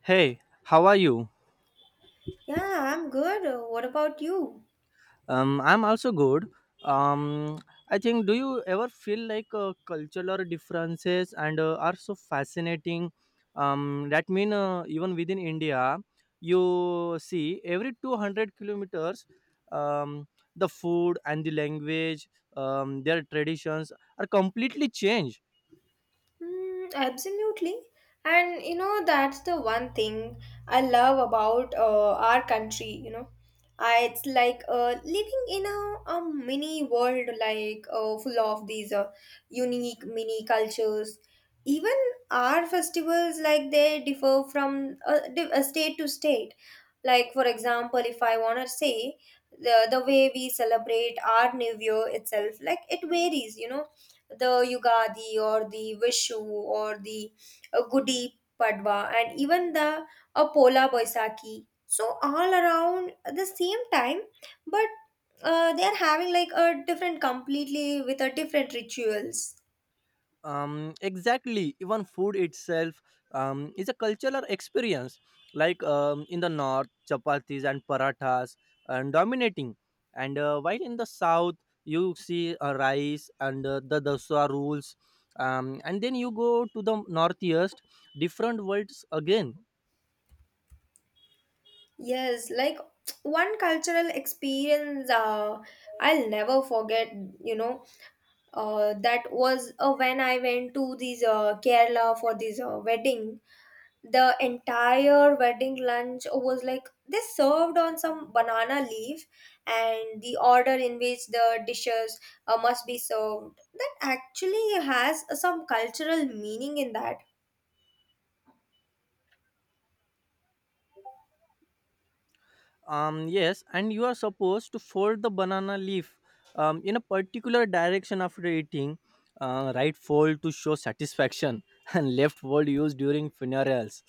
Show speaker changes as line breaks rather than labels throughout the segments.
Hey, how are you?
Yeah, I'm good. What about you?
I'm also good. Um, I think, do you ever feel like cultural differences and are so fascinating? That mean even within India, you see every 200 kilometers, um, the food and the language, their traditions are completely changed.
Mm, absolutely. And you know, that's the one thing I love about our country, you know. It's like living in a mini world, like full of these unique mini cultures. Even our festivals, like they differ from state to state. Like, for example, if I want to say the way we celebrate our New Year itself, like it varies, you know, the Yugadi or the Vishu or the Gudi Padwa and even the Pola Boisaki. So all around the same time, but they are having like a different, completely with a different rituals.
Exactly, even food itself is a cultural experience, like in the north, chapatis and parathas and dominating, and while in the south you see rice and the daswa rules, and then you go to the northeast, different worlds again.
Yes, like one cultural experience I'll never forget. You know, that was when I went to this Kerala for this wedding the entire wedding lunch was like they served on some banana leaf and the order in which the dishes must be served that actually has some cultural meaning in that.
Yes, and you are supposed to fold the banana leaf in a particular direction after eating. Right fold to show satisfaction, and left fold used during funerals.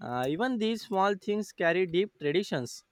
Even these small things carry deep traditions.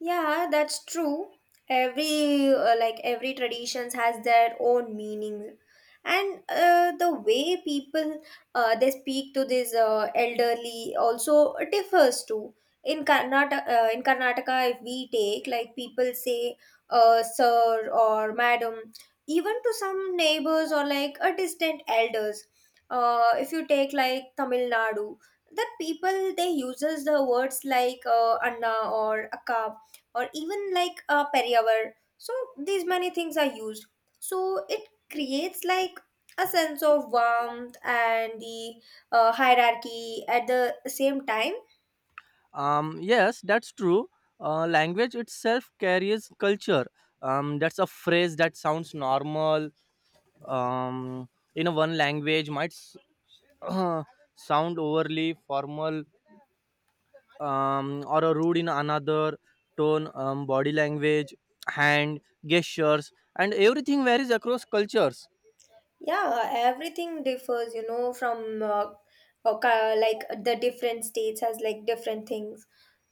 Yeah, that's true. Every like every traditions has their own meaning, and the way people they speak to this elderly also differs too. In Karnataka, if we take like people say sir or madam, even to some neighbors or like a distant elders. If you take like Tamil Nadu, the people they uses the words like Anna or Akka or even like a periyavar. So these many things are used. So it creates like a sense of warmth and the hierarchy at the same time.
Yes, that's true. Language itself carries culture. That's a phrase that sounds normal um, in a one language might sound overly formal, or a rude in another tone, body language, hand gestures, and everything varies across cultures.
Yeah, everything differs, you know, from uh, like the different states has like different things.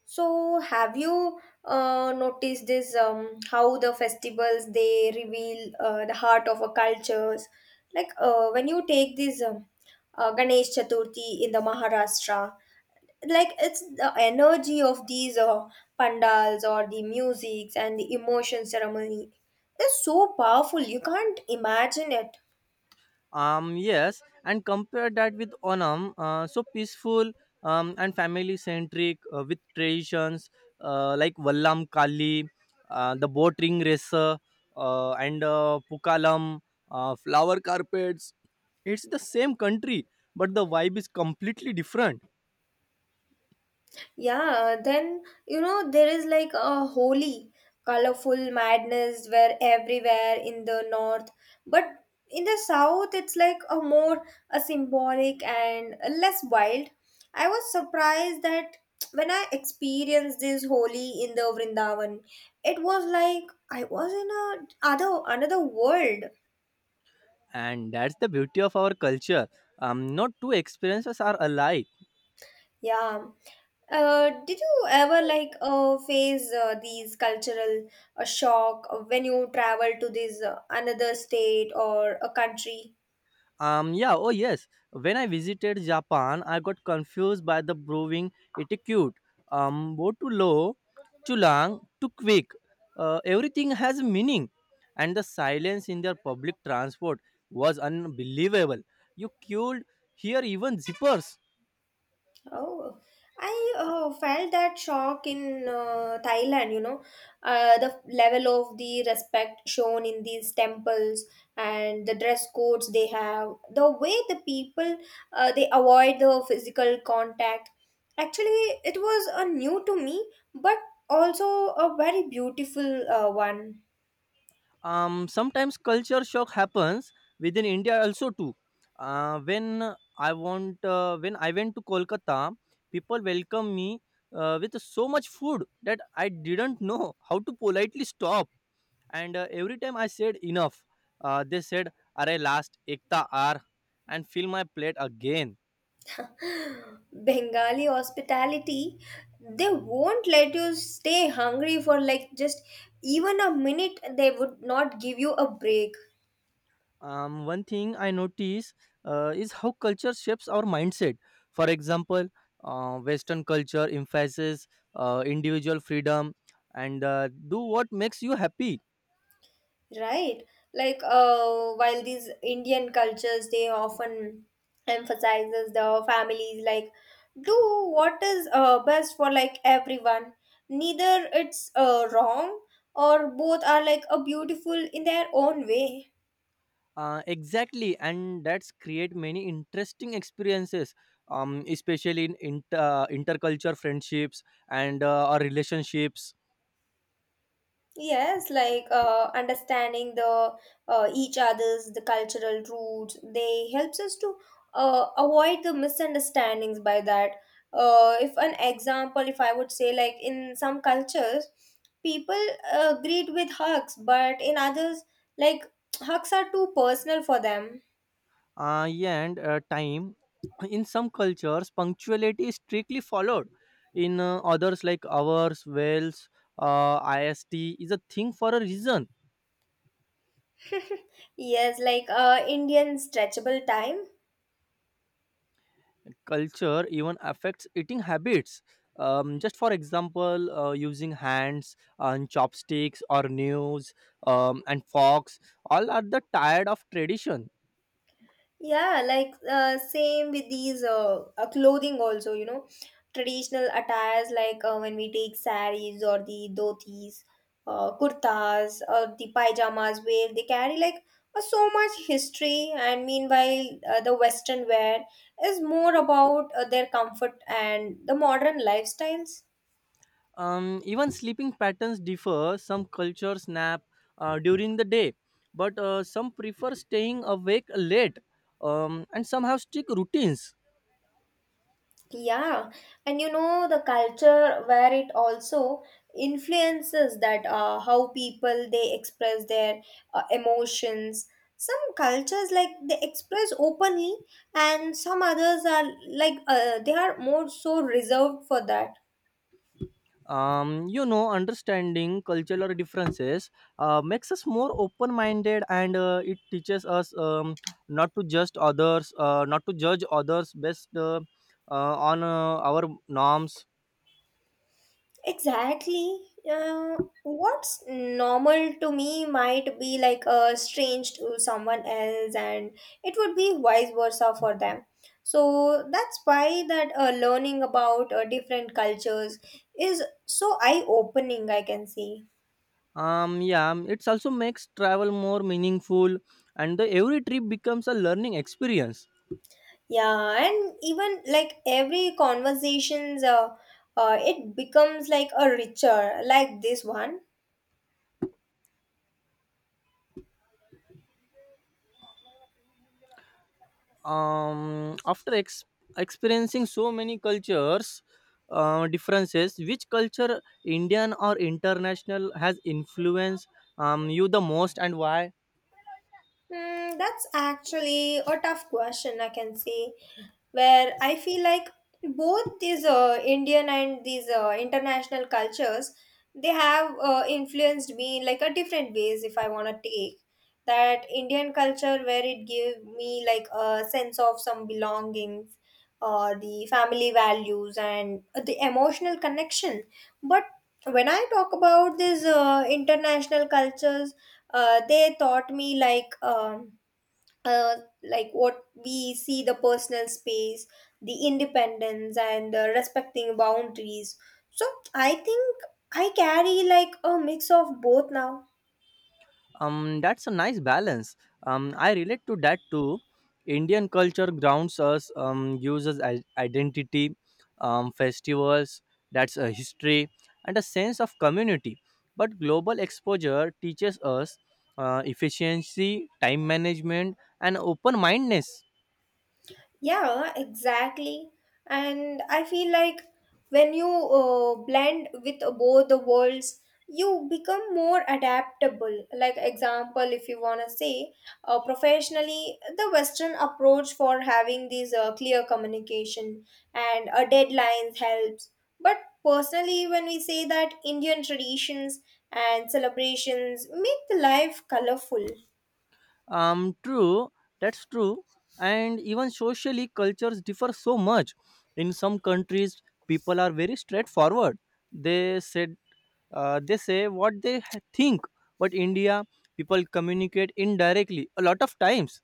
So, have you noticed this? How the festivals they reveal the heart of a cultures. Like when you take this Ganesh Chaturthi in the Maharashtra, like it's the energy of these pandals or the musics and the emotion ceremony is so powerful. You can't imagine it.
Yes, and compare that with Onam, so peaceful and family centric, with traditions like Vallam Kali, the boat ring racer, and Pukalam, flower carpets. It's the same country, but the vibe is completely different,
Yeah, then you know there is like a holy, colorful madness where everywhere in the north, but in the south it's like a more a symbolic and a less wild. I was surprised that when I experienced this holy in the Vrindavan, it was like I was in a other another world.
and that's the beauty of our culture. Not two experiences are alike.
Yeah. Did you ever like face these cultural shock when you travel to this another state or a country?
Yeah, oh yes, when I visited Japan, I got confused by the brewing etiquette. Go too low, too long, too quick. Everything has meaning, and the silence in their public transport was unbelievable. You queued here, even zippers.
Oh, I felt that shock in Thailand, you know, the level of the respect shown in these temples and the dress codes they have, the way the people they avoid the physical contact. Actually, it was a new to me, but also a very beautiful one.
Sometimes culture shock happens within India also too. uh, when when I went to Kolkata, people welcomed me with so much food that I didn't know how to politely stop. And every time I said enough, they said, "Arey last ekta r" and fill my plate again.
Bengali hospitality, they won't let you stay hungry for like just even a minute, they would not give you a break,
One thing I notice is how culture shapes our mindset. For example, Western culture emphasizes individual freedom and do what makes you happy.
right? Like, while these Indian cultures they often emphasizes the families like do what is best for like everyone. Neither it's wrong or both are like a beautiful in their own way.
Exactly, and that's create many interesting experiences, especially in interculture friendships and our relationships.
Yes, like understanding the each other's the cultural roots, they helps us to avoid the misunderstandings by that. If an example, if I would say like in some cultures, people greet with hugs, but in others, like hugs are too personal for them.
Yeah, and time. In some cultures, punctuality is strictly followed. In others, like ours, Wales, IST is a thing for a reason.
Yes, like Indian stretchable time.
Culture even affects eating habits. Just for example, using hands and chopsticks or nails and forks, all are the tired of tradition.
Yeah, like same with these clothing also, you know, traditional attires like when we take saris or the dhotis, kurtas or the pyjamas wear. They carry like so much history and meanwhile the western wear is more about their comfort and the modern lifestyles.
Even sleeping patterns differ. Some cultures nap during the day, but some prefer staying awake late, and some have strict routines.
Yeah, and you know the culture where it also influences that how people they express their emotions. Some cultures like they express openly, and some others are like they are more so reserved for that.
You know, understanding cultural differences makes us more open-minded, and it teaches us not to judge others based on our norms.
Exactly. What's normal to me might be like a strange to someone else, and it would be vice versa for them. So that's why that learning about different cultures is so eye-opening. I can see.
Yeah, it's also makes travel more meaningful, and every trip becomes a learning experience.
Yeah, and even like every conversations, it becomes like a richer, like this one.
After experiencing so many cultures, differences, which culture, Indian or international, has influenced you the most, and why?
Hmm, that's actually a tough question, I can say where I feel like both these Indian and these international cultures they have influenced me in like a different ways if I want to take that Indian culture where it gave me like a sense of some belongings the family values and the emotional connection, but when I talk about these international cultures they taught me uh, like what we see the personal space, the independence and respecting boundaries. So I think I carry like a mix of both now.
That's a nice balance. I relate to that too. Indian culture grounds us, uses identity, festivals, that's a history and a sense of community. But global exposure teaches us efficiency, time management, and open mindedness.
Yeah, exactly. And I feel like when you blend with both the worlds, you become more adaptable. Like example, if you wanna say, professionally, the Western approach for having these clear communication and deadlines helps. But personally, when we say that Indian traditions and celebrations make the life colorful.
True, that's true. And even socially, cultures differ so much. In some countries, people are very straightforward, they say they say what they think. But India, people communicate indirectly a lot of times.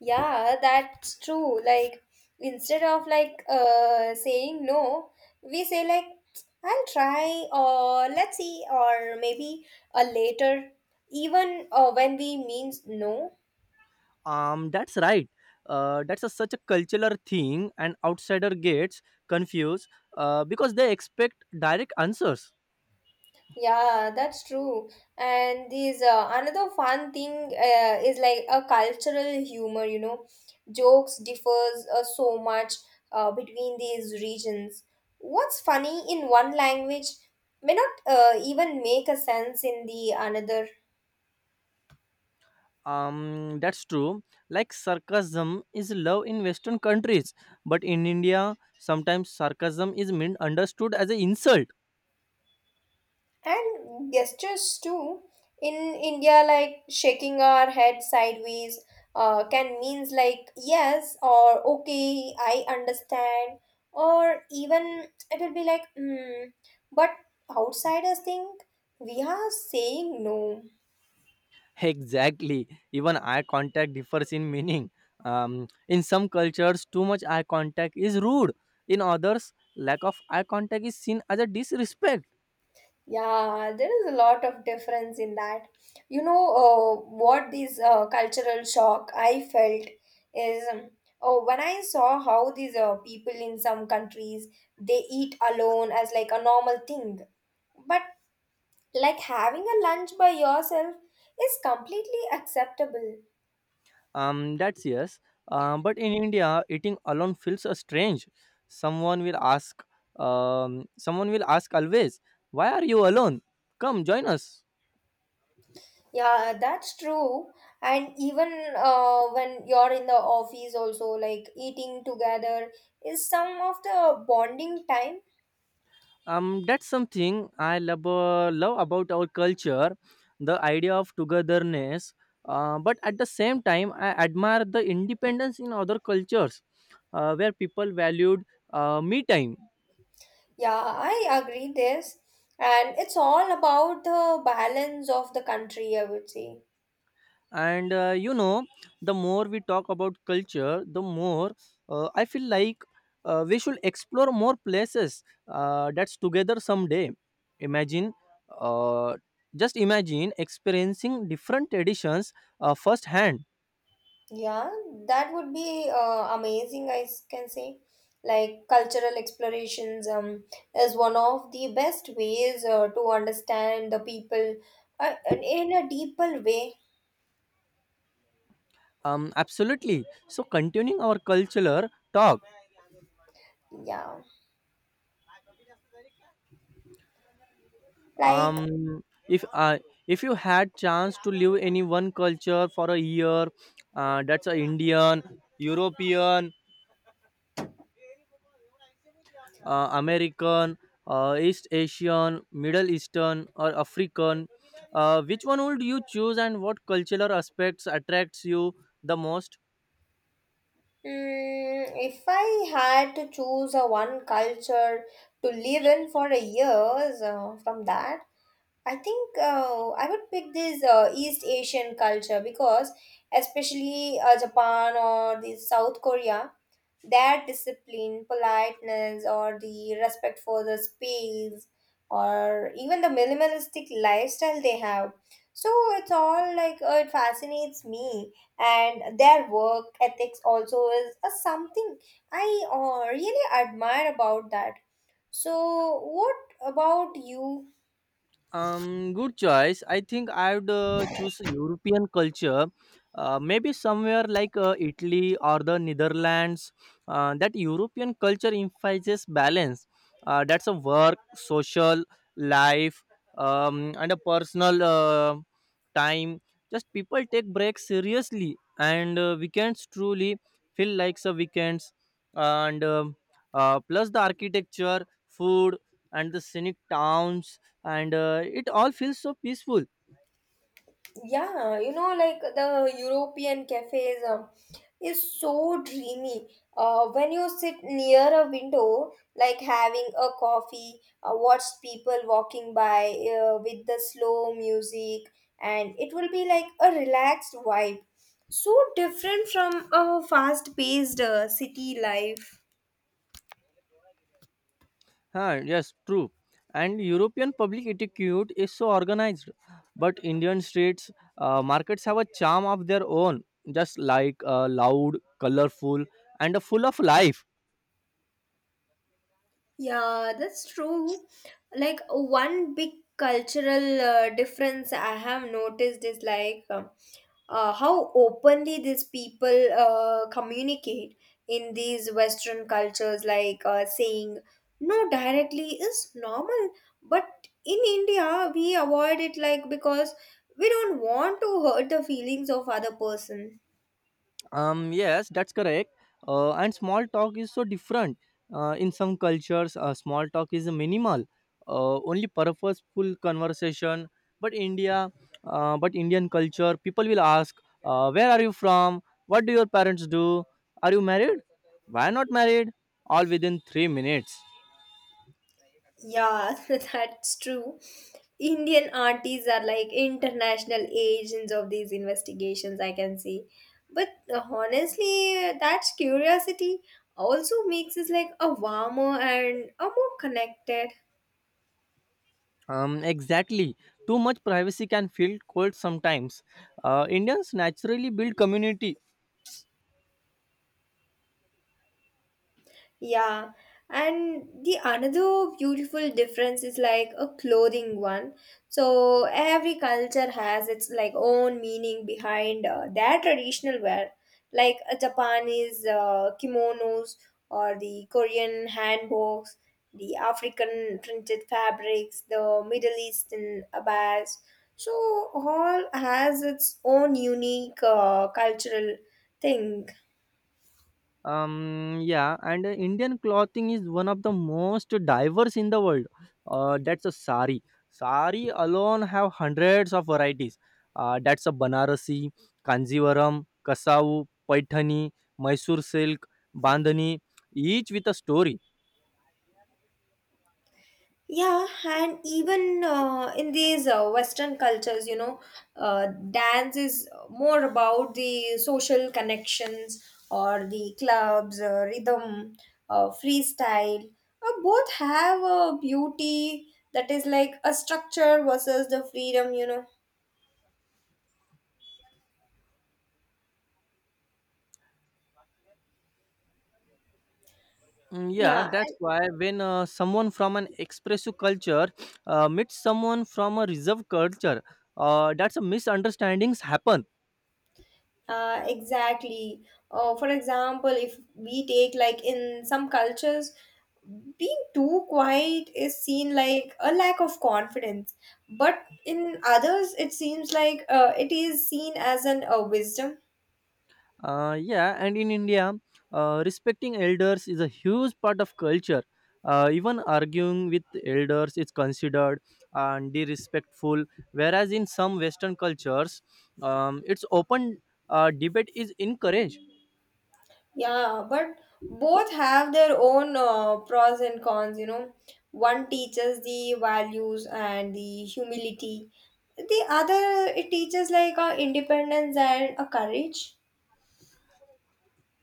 Yeah, that's true. Like instead of like saying no, we say like I'll try or let's see or maybe a later even when we means no.
That's right. That's a, such a cultural thing, and outsider gets confused because they expect direct answers.
Yeah, that's true. And these another fun thing is like a cultural humor, you know. Jokes differs so much between these regions. What's funny in one language may not even make a sense in the another.
That's true. Like, sarcasm is love in Western countries, but in India sometimes sarcasm is misunderstood as an insult.
And gestures too, in India like shaking our head sideways can means like yes or okay I understand, or even it will be like mm. But outsiders think we are saying no.
Exactly. Even eye contact differs in meaning. In some cultures, too much eye contact is rude. In others, lack of eye contact is seen as a disrespect.
Yeah, there is a lot of difference in that. You know, what this cultural shock I felt is oh, when I saw how these people in some countries they eat alone as like a normal thing, but like having a lunch by yourself is completely acceptable.
That's yes. But in India, eating alone feels strange. Someone will ask. Someone will ask always, "Why are you alone? Come join us."
Yeah, that's true. And even when you're in the office, also like eating together is some of the bonding time.
That's something I love about our culture, the idea of togetherness. But at the same time, I admire the independence in other cultures, where people valued me time.
Yeah, I agree this. And it's all about the balance of the country, I would say.
And you know, the more we talk about culture, the more I feel like we should explore more places that's together someday. Imagine uh, just imagine experiencing different traditions firsthand.
Yeah, that would be amazing, I s- can say. Like cultural explorations is one of the best ways to understand the people uh, in a deeper way.
Absolutely. So continuing our cultural talk,
Yeah. Like,
um, if uh, if you had chance to live any one culture for a year, that's a Indian, European, American, East Asian, Middle Eastern, or African, which one would you choose, and what cultural aspects attracts you the most?
mm, if I had to choose a one culture to live in for a years from that, I think I would pick this East Asian culture because, especially Japan or the South Korea, their discipline, politeness, or the respect for the space, or even the minimalistic lifestyle they have. So it's all like it fascinates me, and their work ethics also is something I really admire about that. So, what about you?
Good choice. I think I would choose European culture, maybe somewhere like Italy or the Netherlands. That European culture emphasizes balance. That's a work, social life, and a personal time. Just people take breaks seriously, and weekends truly feel like the weekends. And Plus the architecture, food, and the scenic towns, and it all feels so peaceful.
Yeah, you know, like the European cafes is so dreamy. When you sit near a window, like having a coffee, watch people walking by with the slow music, and it will be like a relaxed vibe. So different from a fast-paced city life.
Huh, yes, true. And European public etiquette is so organized, but Indian streets markets have a charm of their own, just like loud, colorful, and full of life.
Yeah, that's true. Like one big cultural difference I have noticed is like how openly these people communicate in these Western cultures, like saying no directly is normal. But in India, we avoid it like because we don't want to hurt the feelings of other person.
Yes, that's correct. And small talk is so different. In some cultures, small talk is minimal, only purposeful conversation. But India, but Indian culture, people will ask, "Where are you from? What do your parents do? Are you married? Why not married?" All within 3 minutes.
Yeah, that's true. Indian aunties are like international agents of these investigations, I can see. But honestly, that curiosity also makes us like a warmer and a more connected.
Exactly. Too much privacy can feel cold sometimes. Indians naturally build community.
Yeah, and the another beautiful difference is like a clothing one. So every culture has its like own meaning behind their traditional wear, like a Japanese kimonos or the Korean hanboks, the African printed fabrics, the Middle Eastern abbas. So all has its own unique cultural thing.
Yeah, and Indian clothing is one of the most diverse in the world. That's a sari. Sari alone have hundreds of varieties. That's a Banarasi, Kanjivaram, Kasavu, Paithani, Mysore silk, Bandhani, each with a story.
Yeah, and even in these Western cultures, you know, dance is more about the social connections or the clubs, rhythm, freestyle. Both have a beauty that is like a structure versus the freedom, you know.
Mm, yeah,
Yeah.
that's why when someone from an expressive culture meets someone from a reserve culture, that's a misunderstandings happen.
Exactly. For example, if we take like in some cultures, being too quiet is seen like a lack of confidence, but in others, it seems like it is seen as an wisdom.
Yeah, and in India, respecting elders is a huge part of culture. Even arguing with elders is considered and disrespectful, whereas in some Western cultures, its open debate is encouraged.
Yeah, but both have their own pros and cons. You know, one teaches the values and the humility. The other it teaches like a independence and a courage.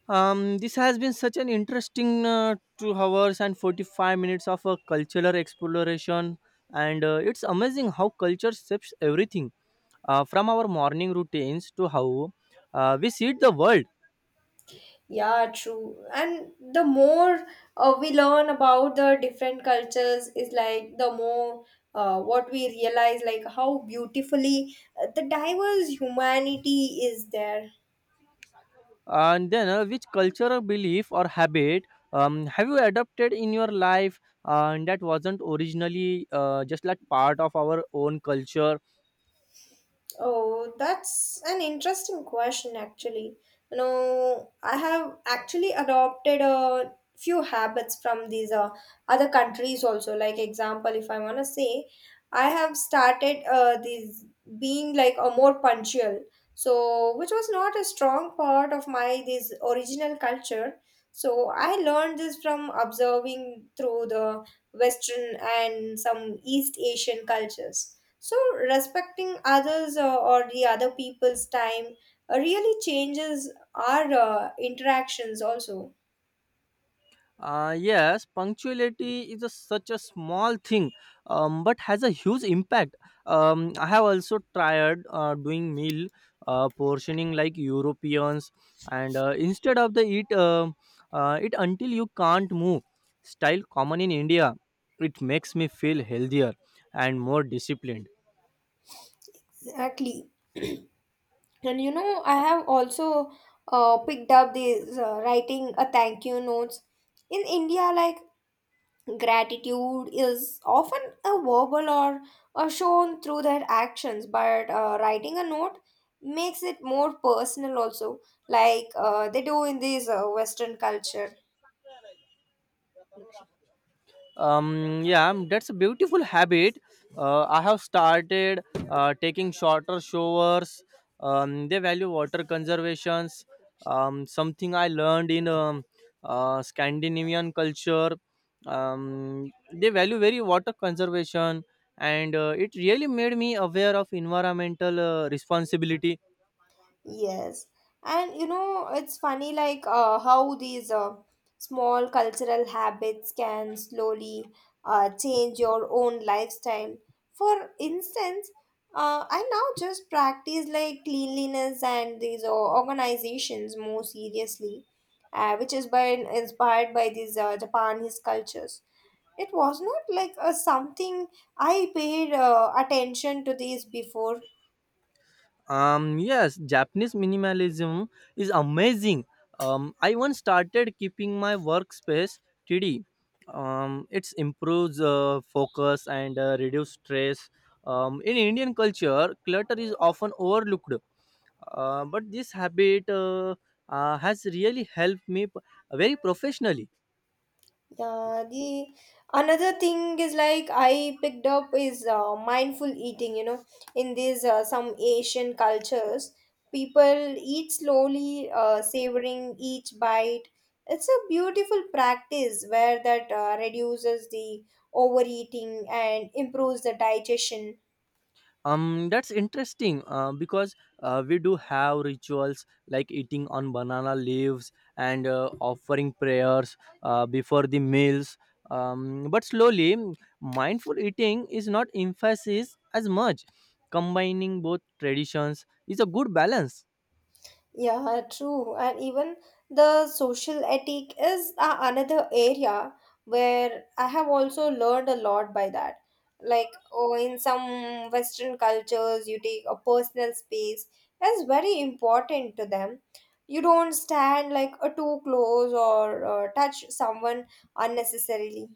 This has been such an interesting 2 hours and 45 minutes of a cultural exploration, and it's amazing how culture shapes everything from our morning routines to how we see the world.
Yeah, true. And the more we learn about the different cultures, is like the more what we realize, like how beautifully the diverse humanity is there.
And then, which cultural belief or habit have you adopted in your life and that wasn't originally just like part of our own culture?
Oh, that's an interesting question, actually. You know, I have actually adopted a few habits from these other countries also. Like example, if I want to say, I have started these being like a more punctual. So, which was not a strong part of my this original culture. So, I learned this from observing through the Western and some East Asian cultures so, respecting others or the other people's time really changes our interactions also.
Yes, punctuality is a, such a small thing, but has a huge impact. I have also tried doing meal portioning like Europeans, and instead of the eat it until you can't move style common in India, it makes me feel healthier and more disciplined.
Exactly. And you know, I have also picked up this writing a thank you notes. In India, like gratitude is often a verbal or shown through their actions, but writing a note makes it more personal also, like they do in this Western culture.
Yeah, that's a beautiful habit. I have started taking shorter showers. They value water conservations, something I learned in Scandinavian culture. They value very water conservation, and it really made me aware of environmental responsibility.
Yes. And you know, it's funny like how these small cultural habits can slowly change your own lifestyle. For instance, I now just practice like cleanliness and these organizations more seriously, which is by inspired by these Japanese cultures. It was not like something I paid attention to these before.
Yes, Japanese minimalism is amazing. I once started keeping my workspace tidy. It improves focus and reduce stress. In Indian culture, clutter is often overlooked, but this habit has really helped me very professionally.
Yeah, the another thing is like I picked up is mindful eating. You know, in these some Asian cultures, people eat slowly, savoring each bite. It's a beautiful practice where that reduces the overeating and improves the digestion.
That's interesting because we do have rituals like eating on banana leaves and offering prayers before the meals, but slowly mindful eating is not emphasized as much. Combining both traditions is a good balance.
Yeah, true. And even the social ethic is a another area where I have also learned a lot by that. Like, oh, in some Western cultures, you take a personal space is very important to them. You don't stand like a too close or touch someone unnecessarily.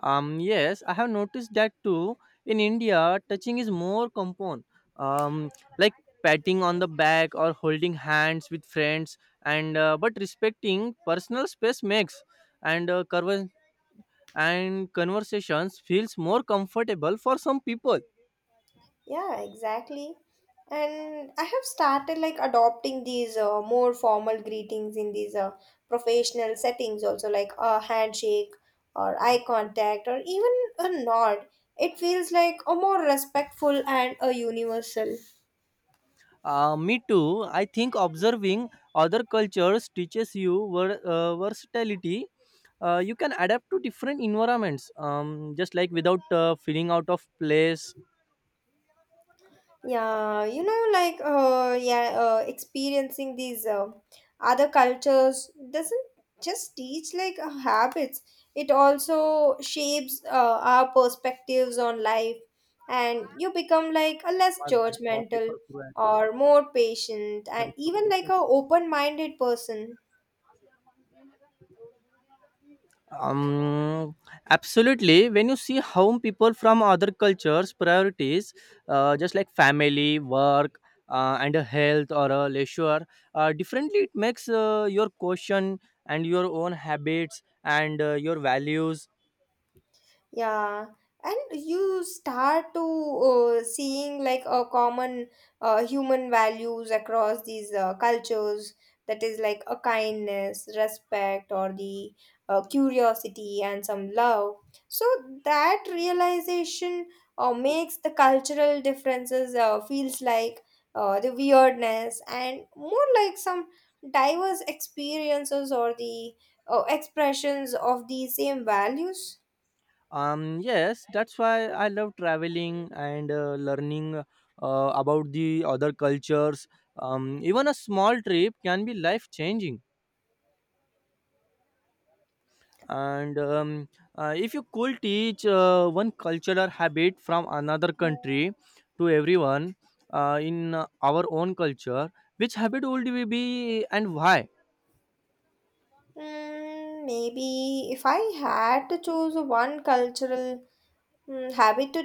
Yes, I have noticed that too. In India, touching is more common, um, like patting on the back or holding hands with friends, and but respecting personal space makes and uh, conver- and conversations feels more comfortable for some people.
Yeah, exactly. And I have started like adopting these more formal greetings in these professional settings also like a handshake or eye contact or even a nod. It feels like a more respectful and a universal.
Me too. I think observing other cultures teaches you versatility. You can adapt to different environments, just like without feeling out of place.
Yeah, you know, like yeah, experiencing these other cultures doesn't just teach like habits. It also shapes our perspectives on life, and you become like a less
बाद भाई सौ
judgmental
paper पूरा है
or more patient, and
sorry so
even like
paper.
a open-minded person.
um Absolutely, when you see how people from other cultures priorities, just like family, work, and a health or a leisure differently, it makes your question and your own habits and your values.
Yeah, and you start to seeing like a common human values across these cultures that is like a kindness, respect, or the curiosity and some love. So that realization makes the cultural differences feels like the weirdness and more like some diverse experiences or the expressions of the same values.
Yes, that's why I love traveling and learning about the other cultures. Even a small trip can be life changing. And if you could teach one cultural habit from another country to everyone in our own culture, which habit would we be, and why?
Maybe if I had to choose one cultural habit to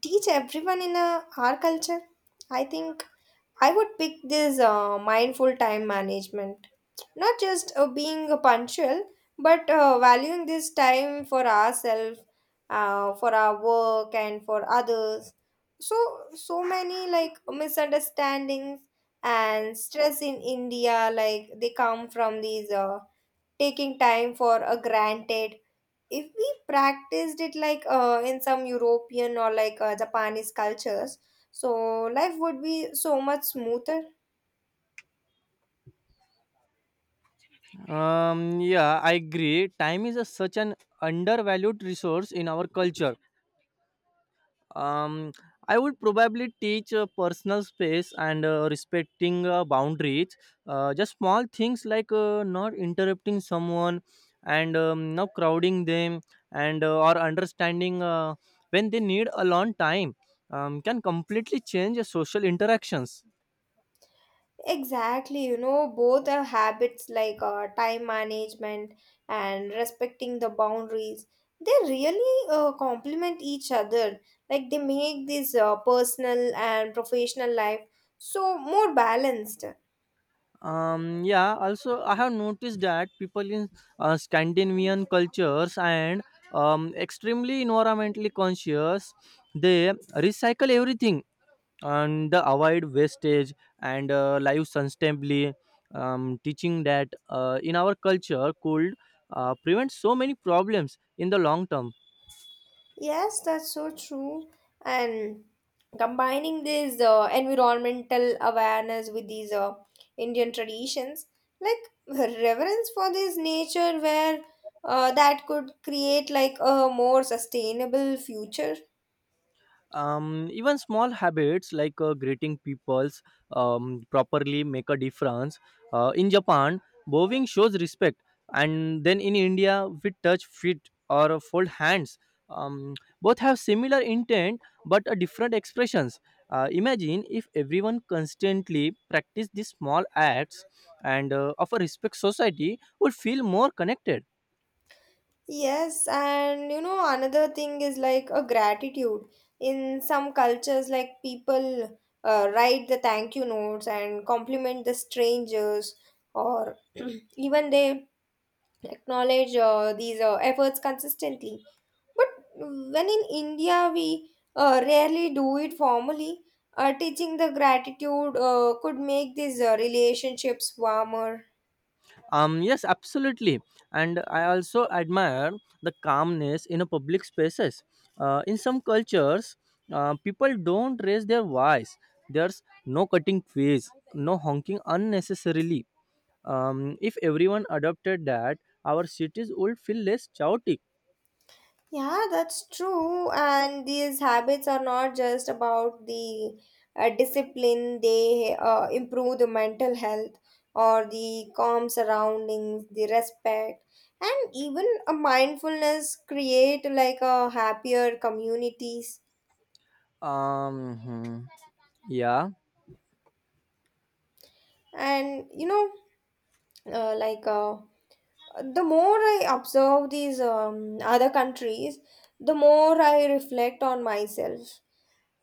teach everyone in our culture, I think I would pick this mindful time management. Not just being punctual, but valuing this time for ourselves, for our work, and for others. So, so many like misunderstandings and stress in India, like they come from these. Taking time for a granted if we practiced it like in some european or like japanese cultures so life would be so much smoother.
Yeah, I agree, time is a, such an undervalued resource in our culture. Um, I would probably teach personal space and respecting boundaries. Just small things like not interrupting someone and not crowding them and or understanding when they need a long time can completely change social interactions.
Exactly, you know both are habits like time management and respecting the boundaries they really complement each other like they make this personal and professional life so more balanced.
Yeah, also I have noticed that people in Scandinavian cultures and extremely environmentally conscious, they recycle everything and the avoid wastage and live sustainably. Teaching that in our culture could prevent so many problems in the long term.
Yes, that's so true. And combining this environmental awareness with these Indian traditions, like reverence for this nature, where that could create like a more sustainable future.
Even small habits like greeting peoples properly make a difference. Uh, in Japan, bowing shows respect, and then in India we touch feet or fold hands. um, Both have similar intent but a different expressions. Imagine if everyone constantly practice these small acts and of a respect, society would feel more connected.
Yes, and you know, another thing is like a gratitude. In some cultures, like people write the thank you notes and compliment the strangers, or even they acknowledge these efforts consistently. But when in India, we rarely do it formally. Teaching the gratitude could make these relationships warmer.
Yes, absolutely. And I also admire the calmness in a public spaces. In some cultures, people don't raise their voice. There's no cutting fees, no honking unnecessarily. If everyone adopted that, our cities would feel less chaotic.
Yeah, that's true. And these habits are not just about the discipline, they improve the mental health or the calm surroundings, the respect, and even a mindfulness create like a happier communities.
Um, hmm, yeah.
And you know like the more I observe these other countries the more I reflect on myself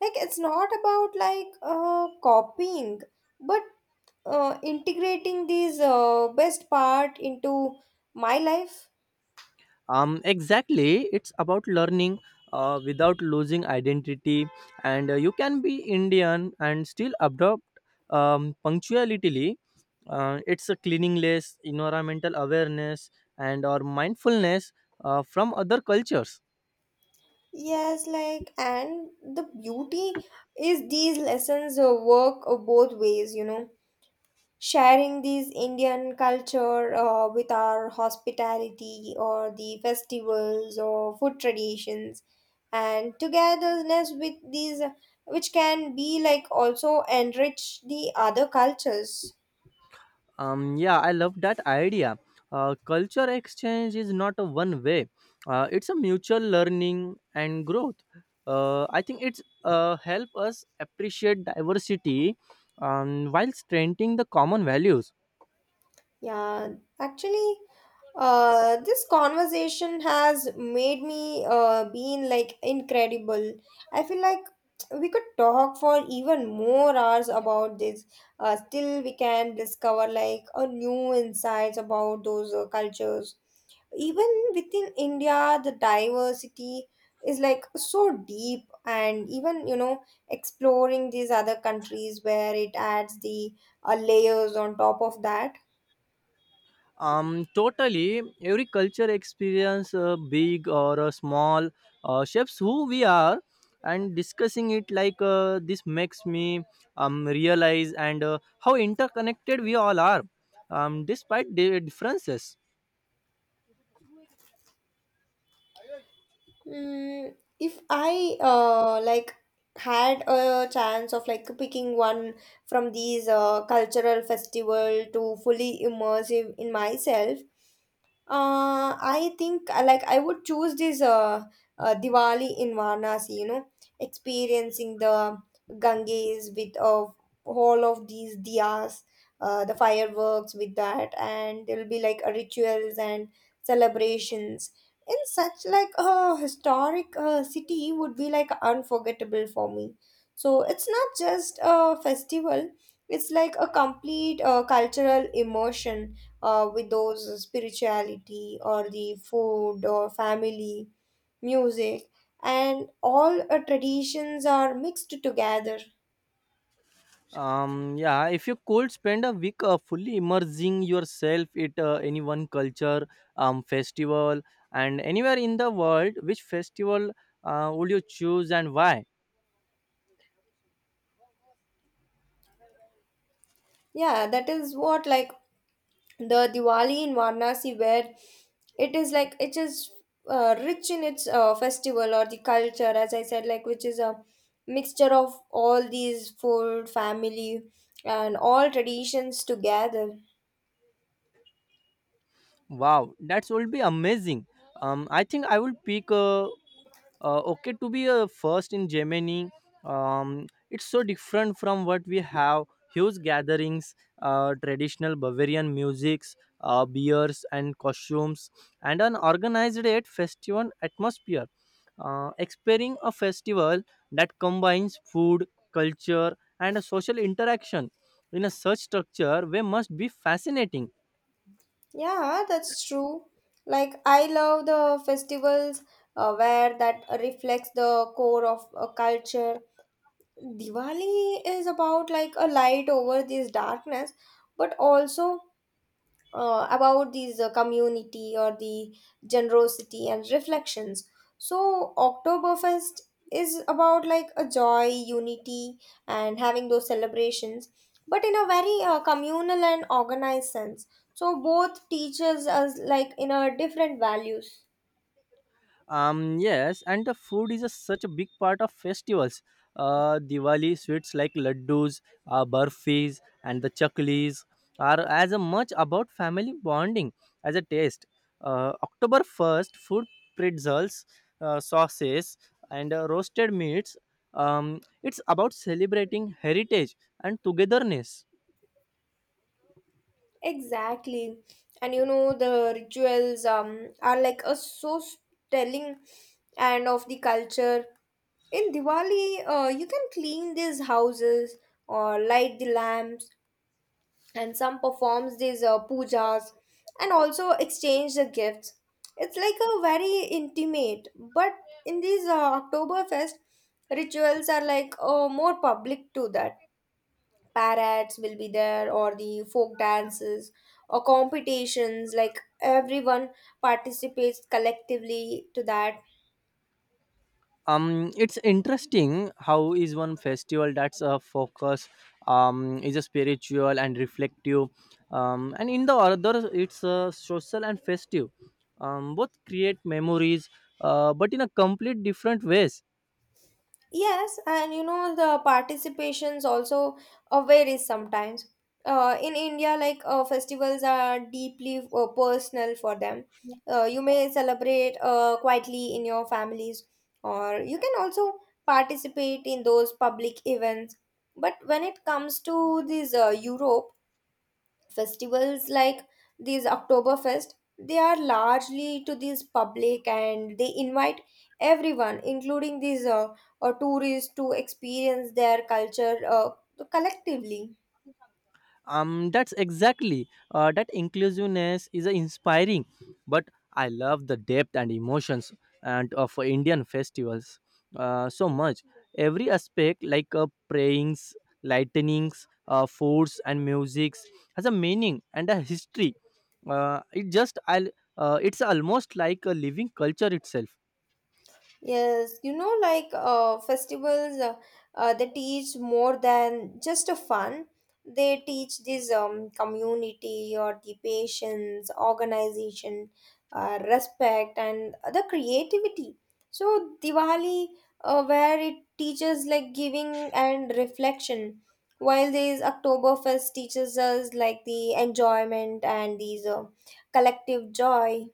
like it's not about like copying but integrating these best part into my life.
Exactly, it's about learning without losing identity, and you can be Indian and still adopt punctuality. It's a cleaningless environmental awareness and or mindfulness from other cultures.
Yes, like, and the beauty is these lessons work both ways you know sharing this Indian culture with our hospitality or the festivals or food traditions and togetherness with these which can be like also enrich the other cultures.
Yeah, I love that idea. Culture exchange is not a one way, it's a mutual learning and growth. I think it's help us appreciate diversity, while strengthening the common values.
Yeah, actually this conversation has made me been like incredible. I feel like we could talk for even more hours about this. Still, we can discover like a new insights about those cultures. Even within India, the diversity is like so deep, and even you know exploring these other countries where it adds the layers on top of that.
Totally. Every culture experience, big or small, shapes who we are. And discussing it like this makes me realize and how interconnected we all are, despite the differences.
Mm, if I like had a chance of like picking one from these cultural festival to fully immersive in myself, I think like I would choose this Diwali in Varanasi, you know, experiencing the Ganges with all of these diyas, the fireworks with that, and there'll be like rituals and celebrations. In such like a historic city would be like unforgettable for me. So it's not just a festival; it's like a complete cultural immersion with those spirituality or the food or family, music, and all traditions are mixed together.
Yeah, if you could spend a week fully immersing yourself at any one culture, festival, and anywhere in the world, which festival would you choose and why?
Yeah, that is what like the Diwali in Varanasi, where it is like it is rich in its festival or the culture, as I said, like which is a mixture of all these food, family, and all traditions together.
Wow, that will be amazing. I think I will pick okay to be first in Germany. It's so different from what we have. Huge gatherings, traditional Bavarian musics, beers and costumes, and an organized yet festival atmosphere. Experiencing a festival that combines food, culture, and a social interaction in a such structure way must be fascinating.
Yeah, that's true. Like I love the festivals where that reflects the core of a culture. Diwali is about like a light over this darkness, but also about these community or the generosity and reflections. So Oktoberfest is about like a joy, unity, and having those celebrations, but in a very communal and organized sense. So both teaches us like in a different values.
Yes, and the food is a, such a big part of festivals. Diwali sweets like laddus, burfis, and the chaklis are as a much about family bonding as a taste. October 1st, food pretzels, sauces, and roasted meats. It's about celebrating heritage and togetherness.
Exactly, and you know the rituals are like a so telling and of the culture. In Diwali, you can clean these houses or light the lamps, and some performs these pujas and also exchange the gifts. It's like a very intimate, but in these Oktoberfest rituals are like more public to that. Parrots will be there, or the folk dances or competitions. Like everyone participates collectively to that.
It's interesting how is one festival that's a focus is a spiritual and reflective, and in the other it's a social and festive. Both create memories but in a complete different ways.
Yes, and you know the participations also varies sometimes. In India, like festivals are deeply personal for them. You may celebrate quietly in your families, or you can also participate in those public events. But when it comes to these Europe, festivals like these Oktoberfest, they are largely to these public and they invite everyone, including these tourists, to experience their culture collectively.
That's exactly that inclusiveness is inspiring, but I love the depth and emotions and of Indian festivals so much. Every aspect like prayings, lightnings, foods and musics has a meaning and a history. It just I It's almost like a living culture itself.
Yes, you know, like festivals, they teach more than just a fun. They teach this community or the patience, organization, respect, and the creativity. So Diwali, where it teaches like giving and reflection, while this Oktoberfest teaches us like the enjoyment and these collective joy.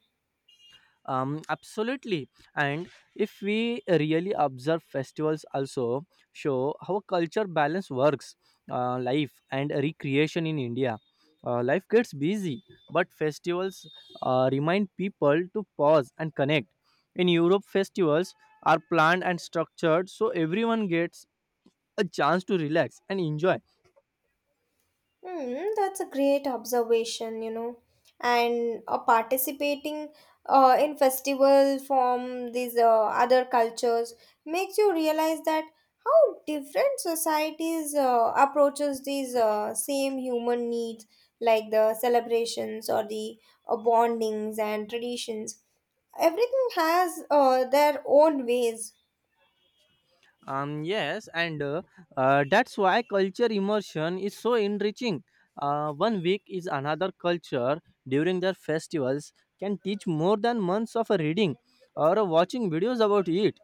Absolutely. And if we really observe, festivals also show how culture balance works, life and recreation in India. Life gets busy, but festivals remind people to pause and connect. In Europe, festivals are planned and structured so everyone gets a chance to relax and enjoy.
Hmm, that's a great observation, you know. And participating in festival from these other cultures makes you realize that how different societies approaches these same human needs, like the celebrations or the bondings and traditions. Everything has their own ways.
Yes, and that's why culture immersion is so enriching. One week is another culture during their festivals can teach more than months of reading or watching videos about it.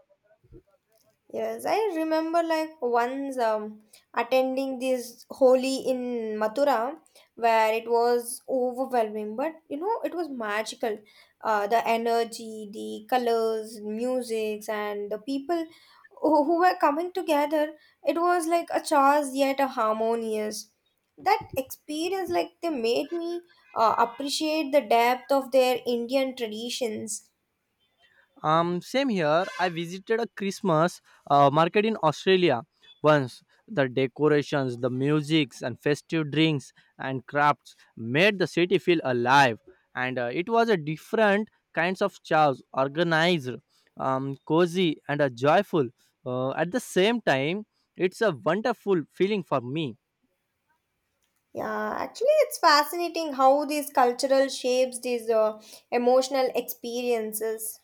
Yes, I remember like once attending this holy in Mathura where it was overwhelming, but you know, it was magical. The energy, the colors, music, and the people who were coming together, it was like a chaos yet a harmonious. That experience, like, they made me appreciate the depth of their Indian traditions.
Same here. I visited a Christmas market in Australia once. The decorations, the musics, and festive drinks and crafts made the city feel alive. And it was a different kinds of chaos, organized, cozy, and joyful. At the same time, it's a wonderful feeling for me.
Yeah, actually, it's fascinating how these cultural shapes these emotional experiences.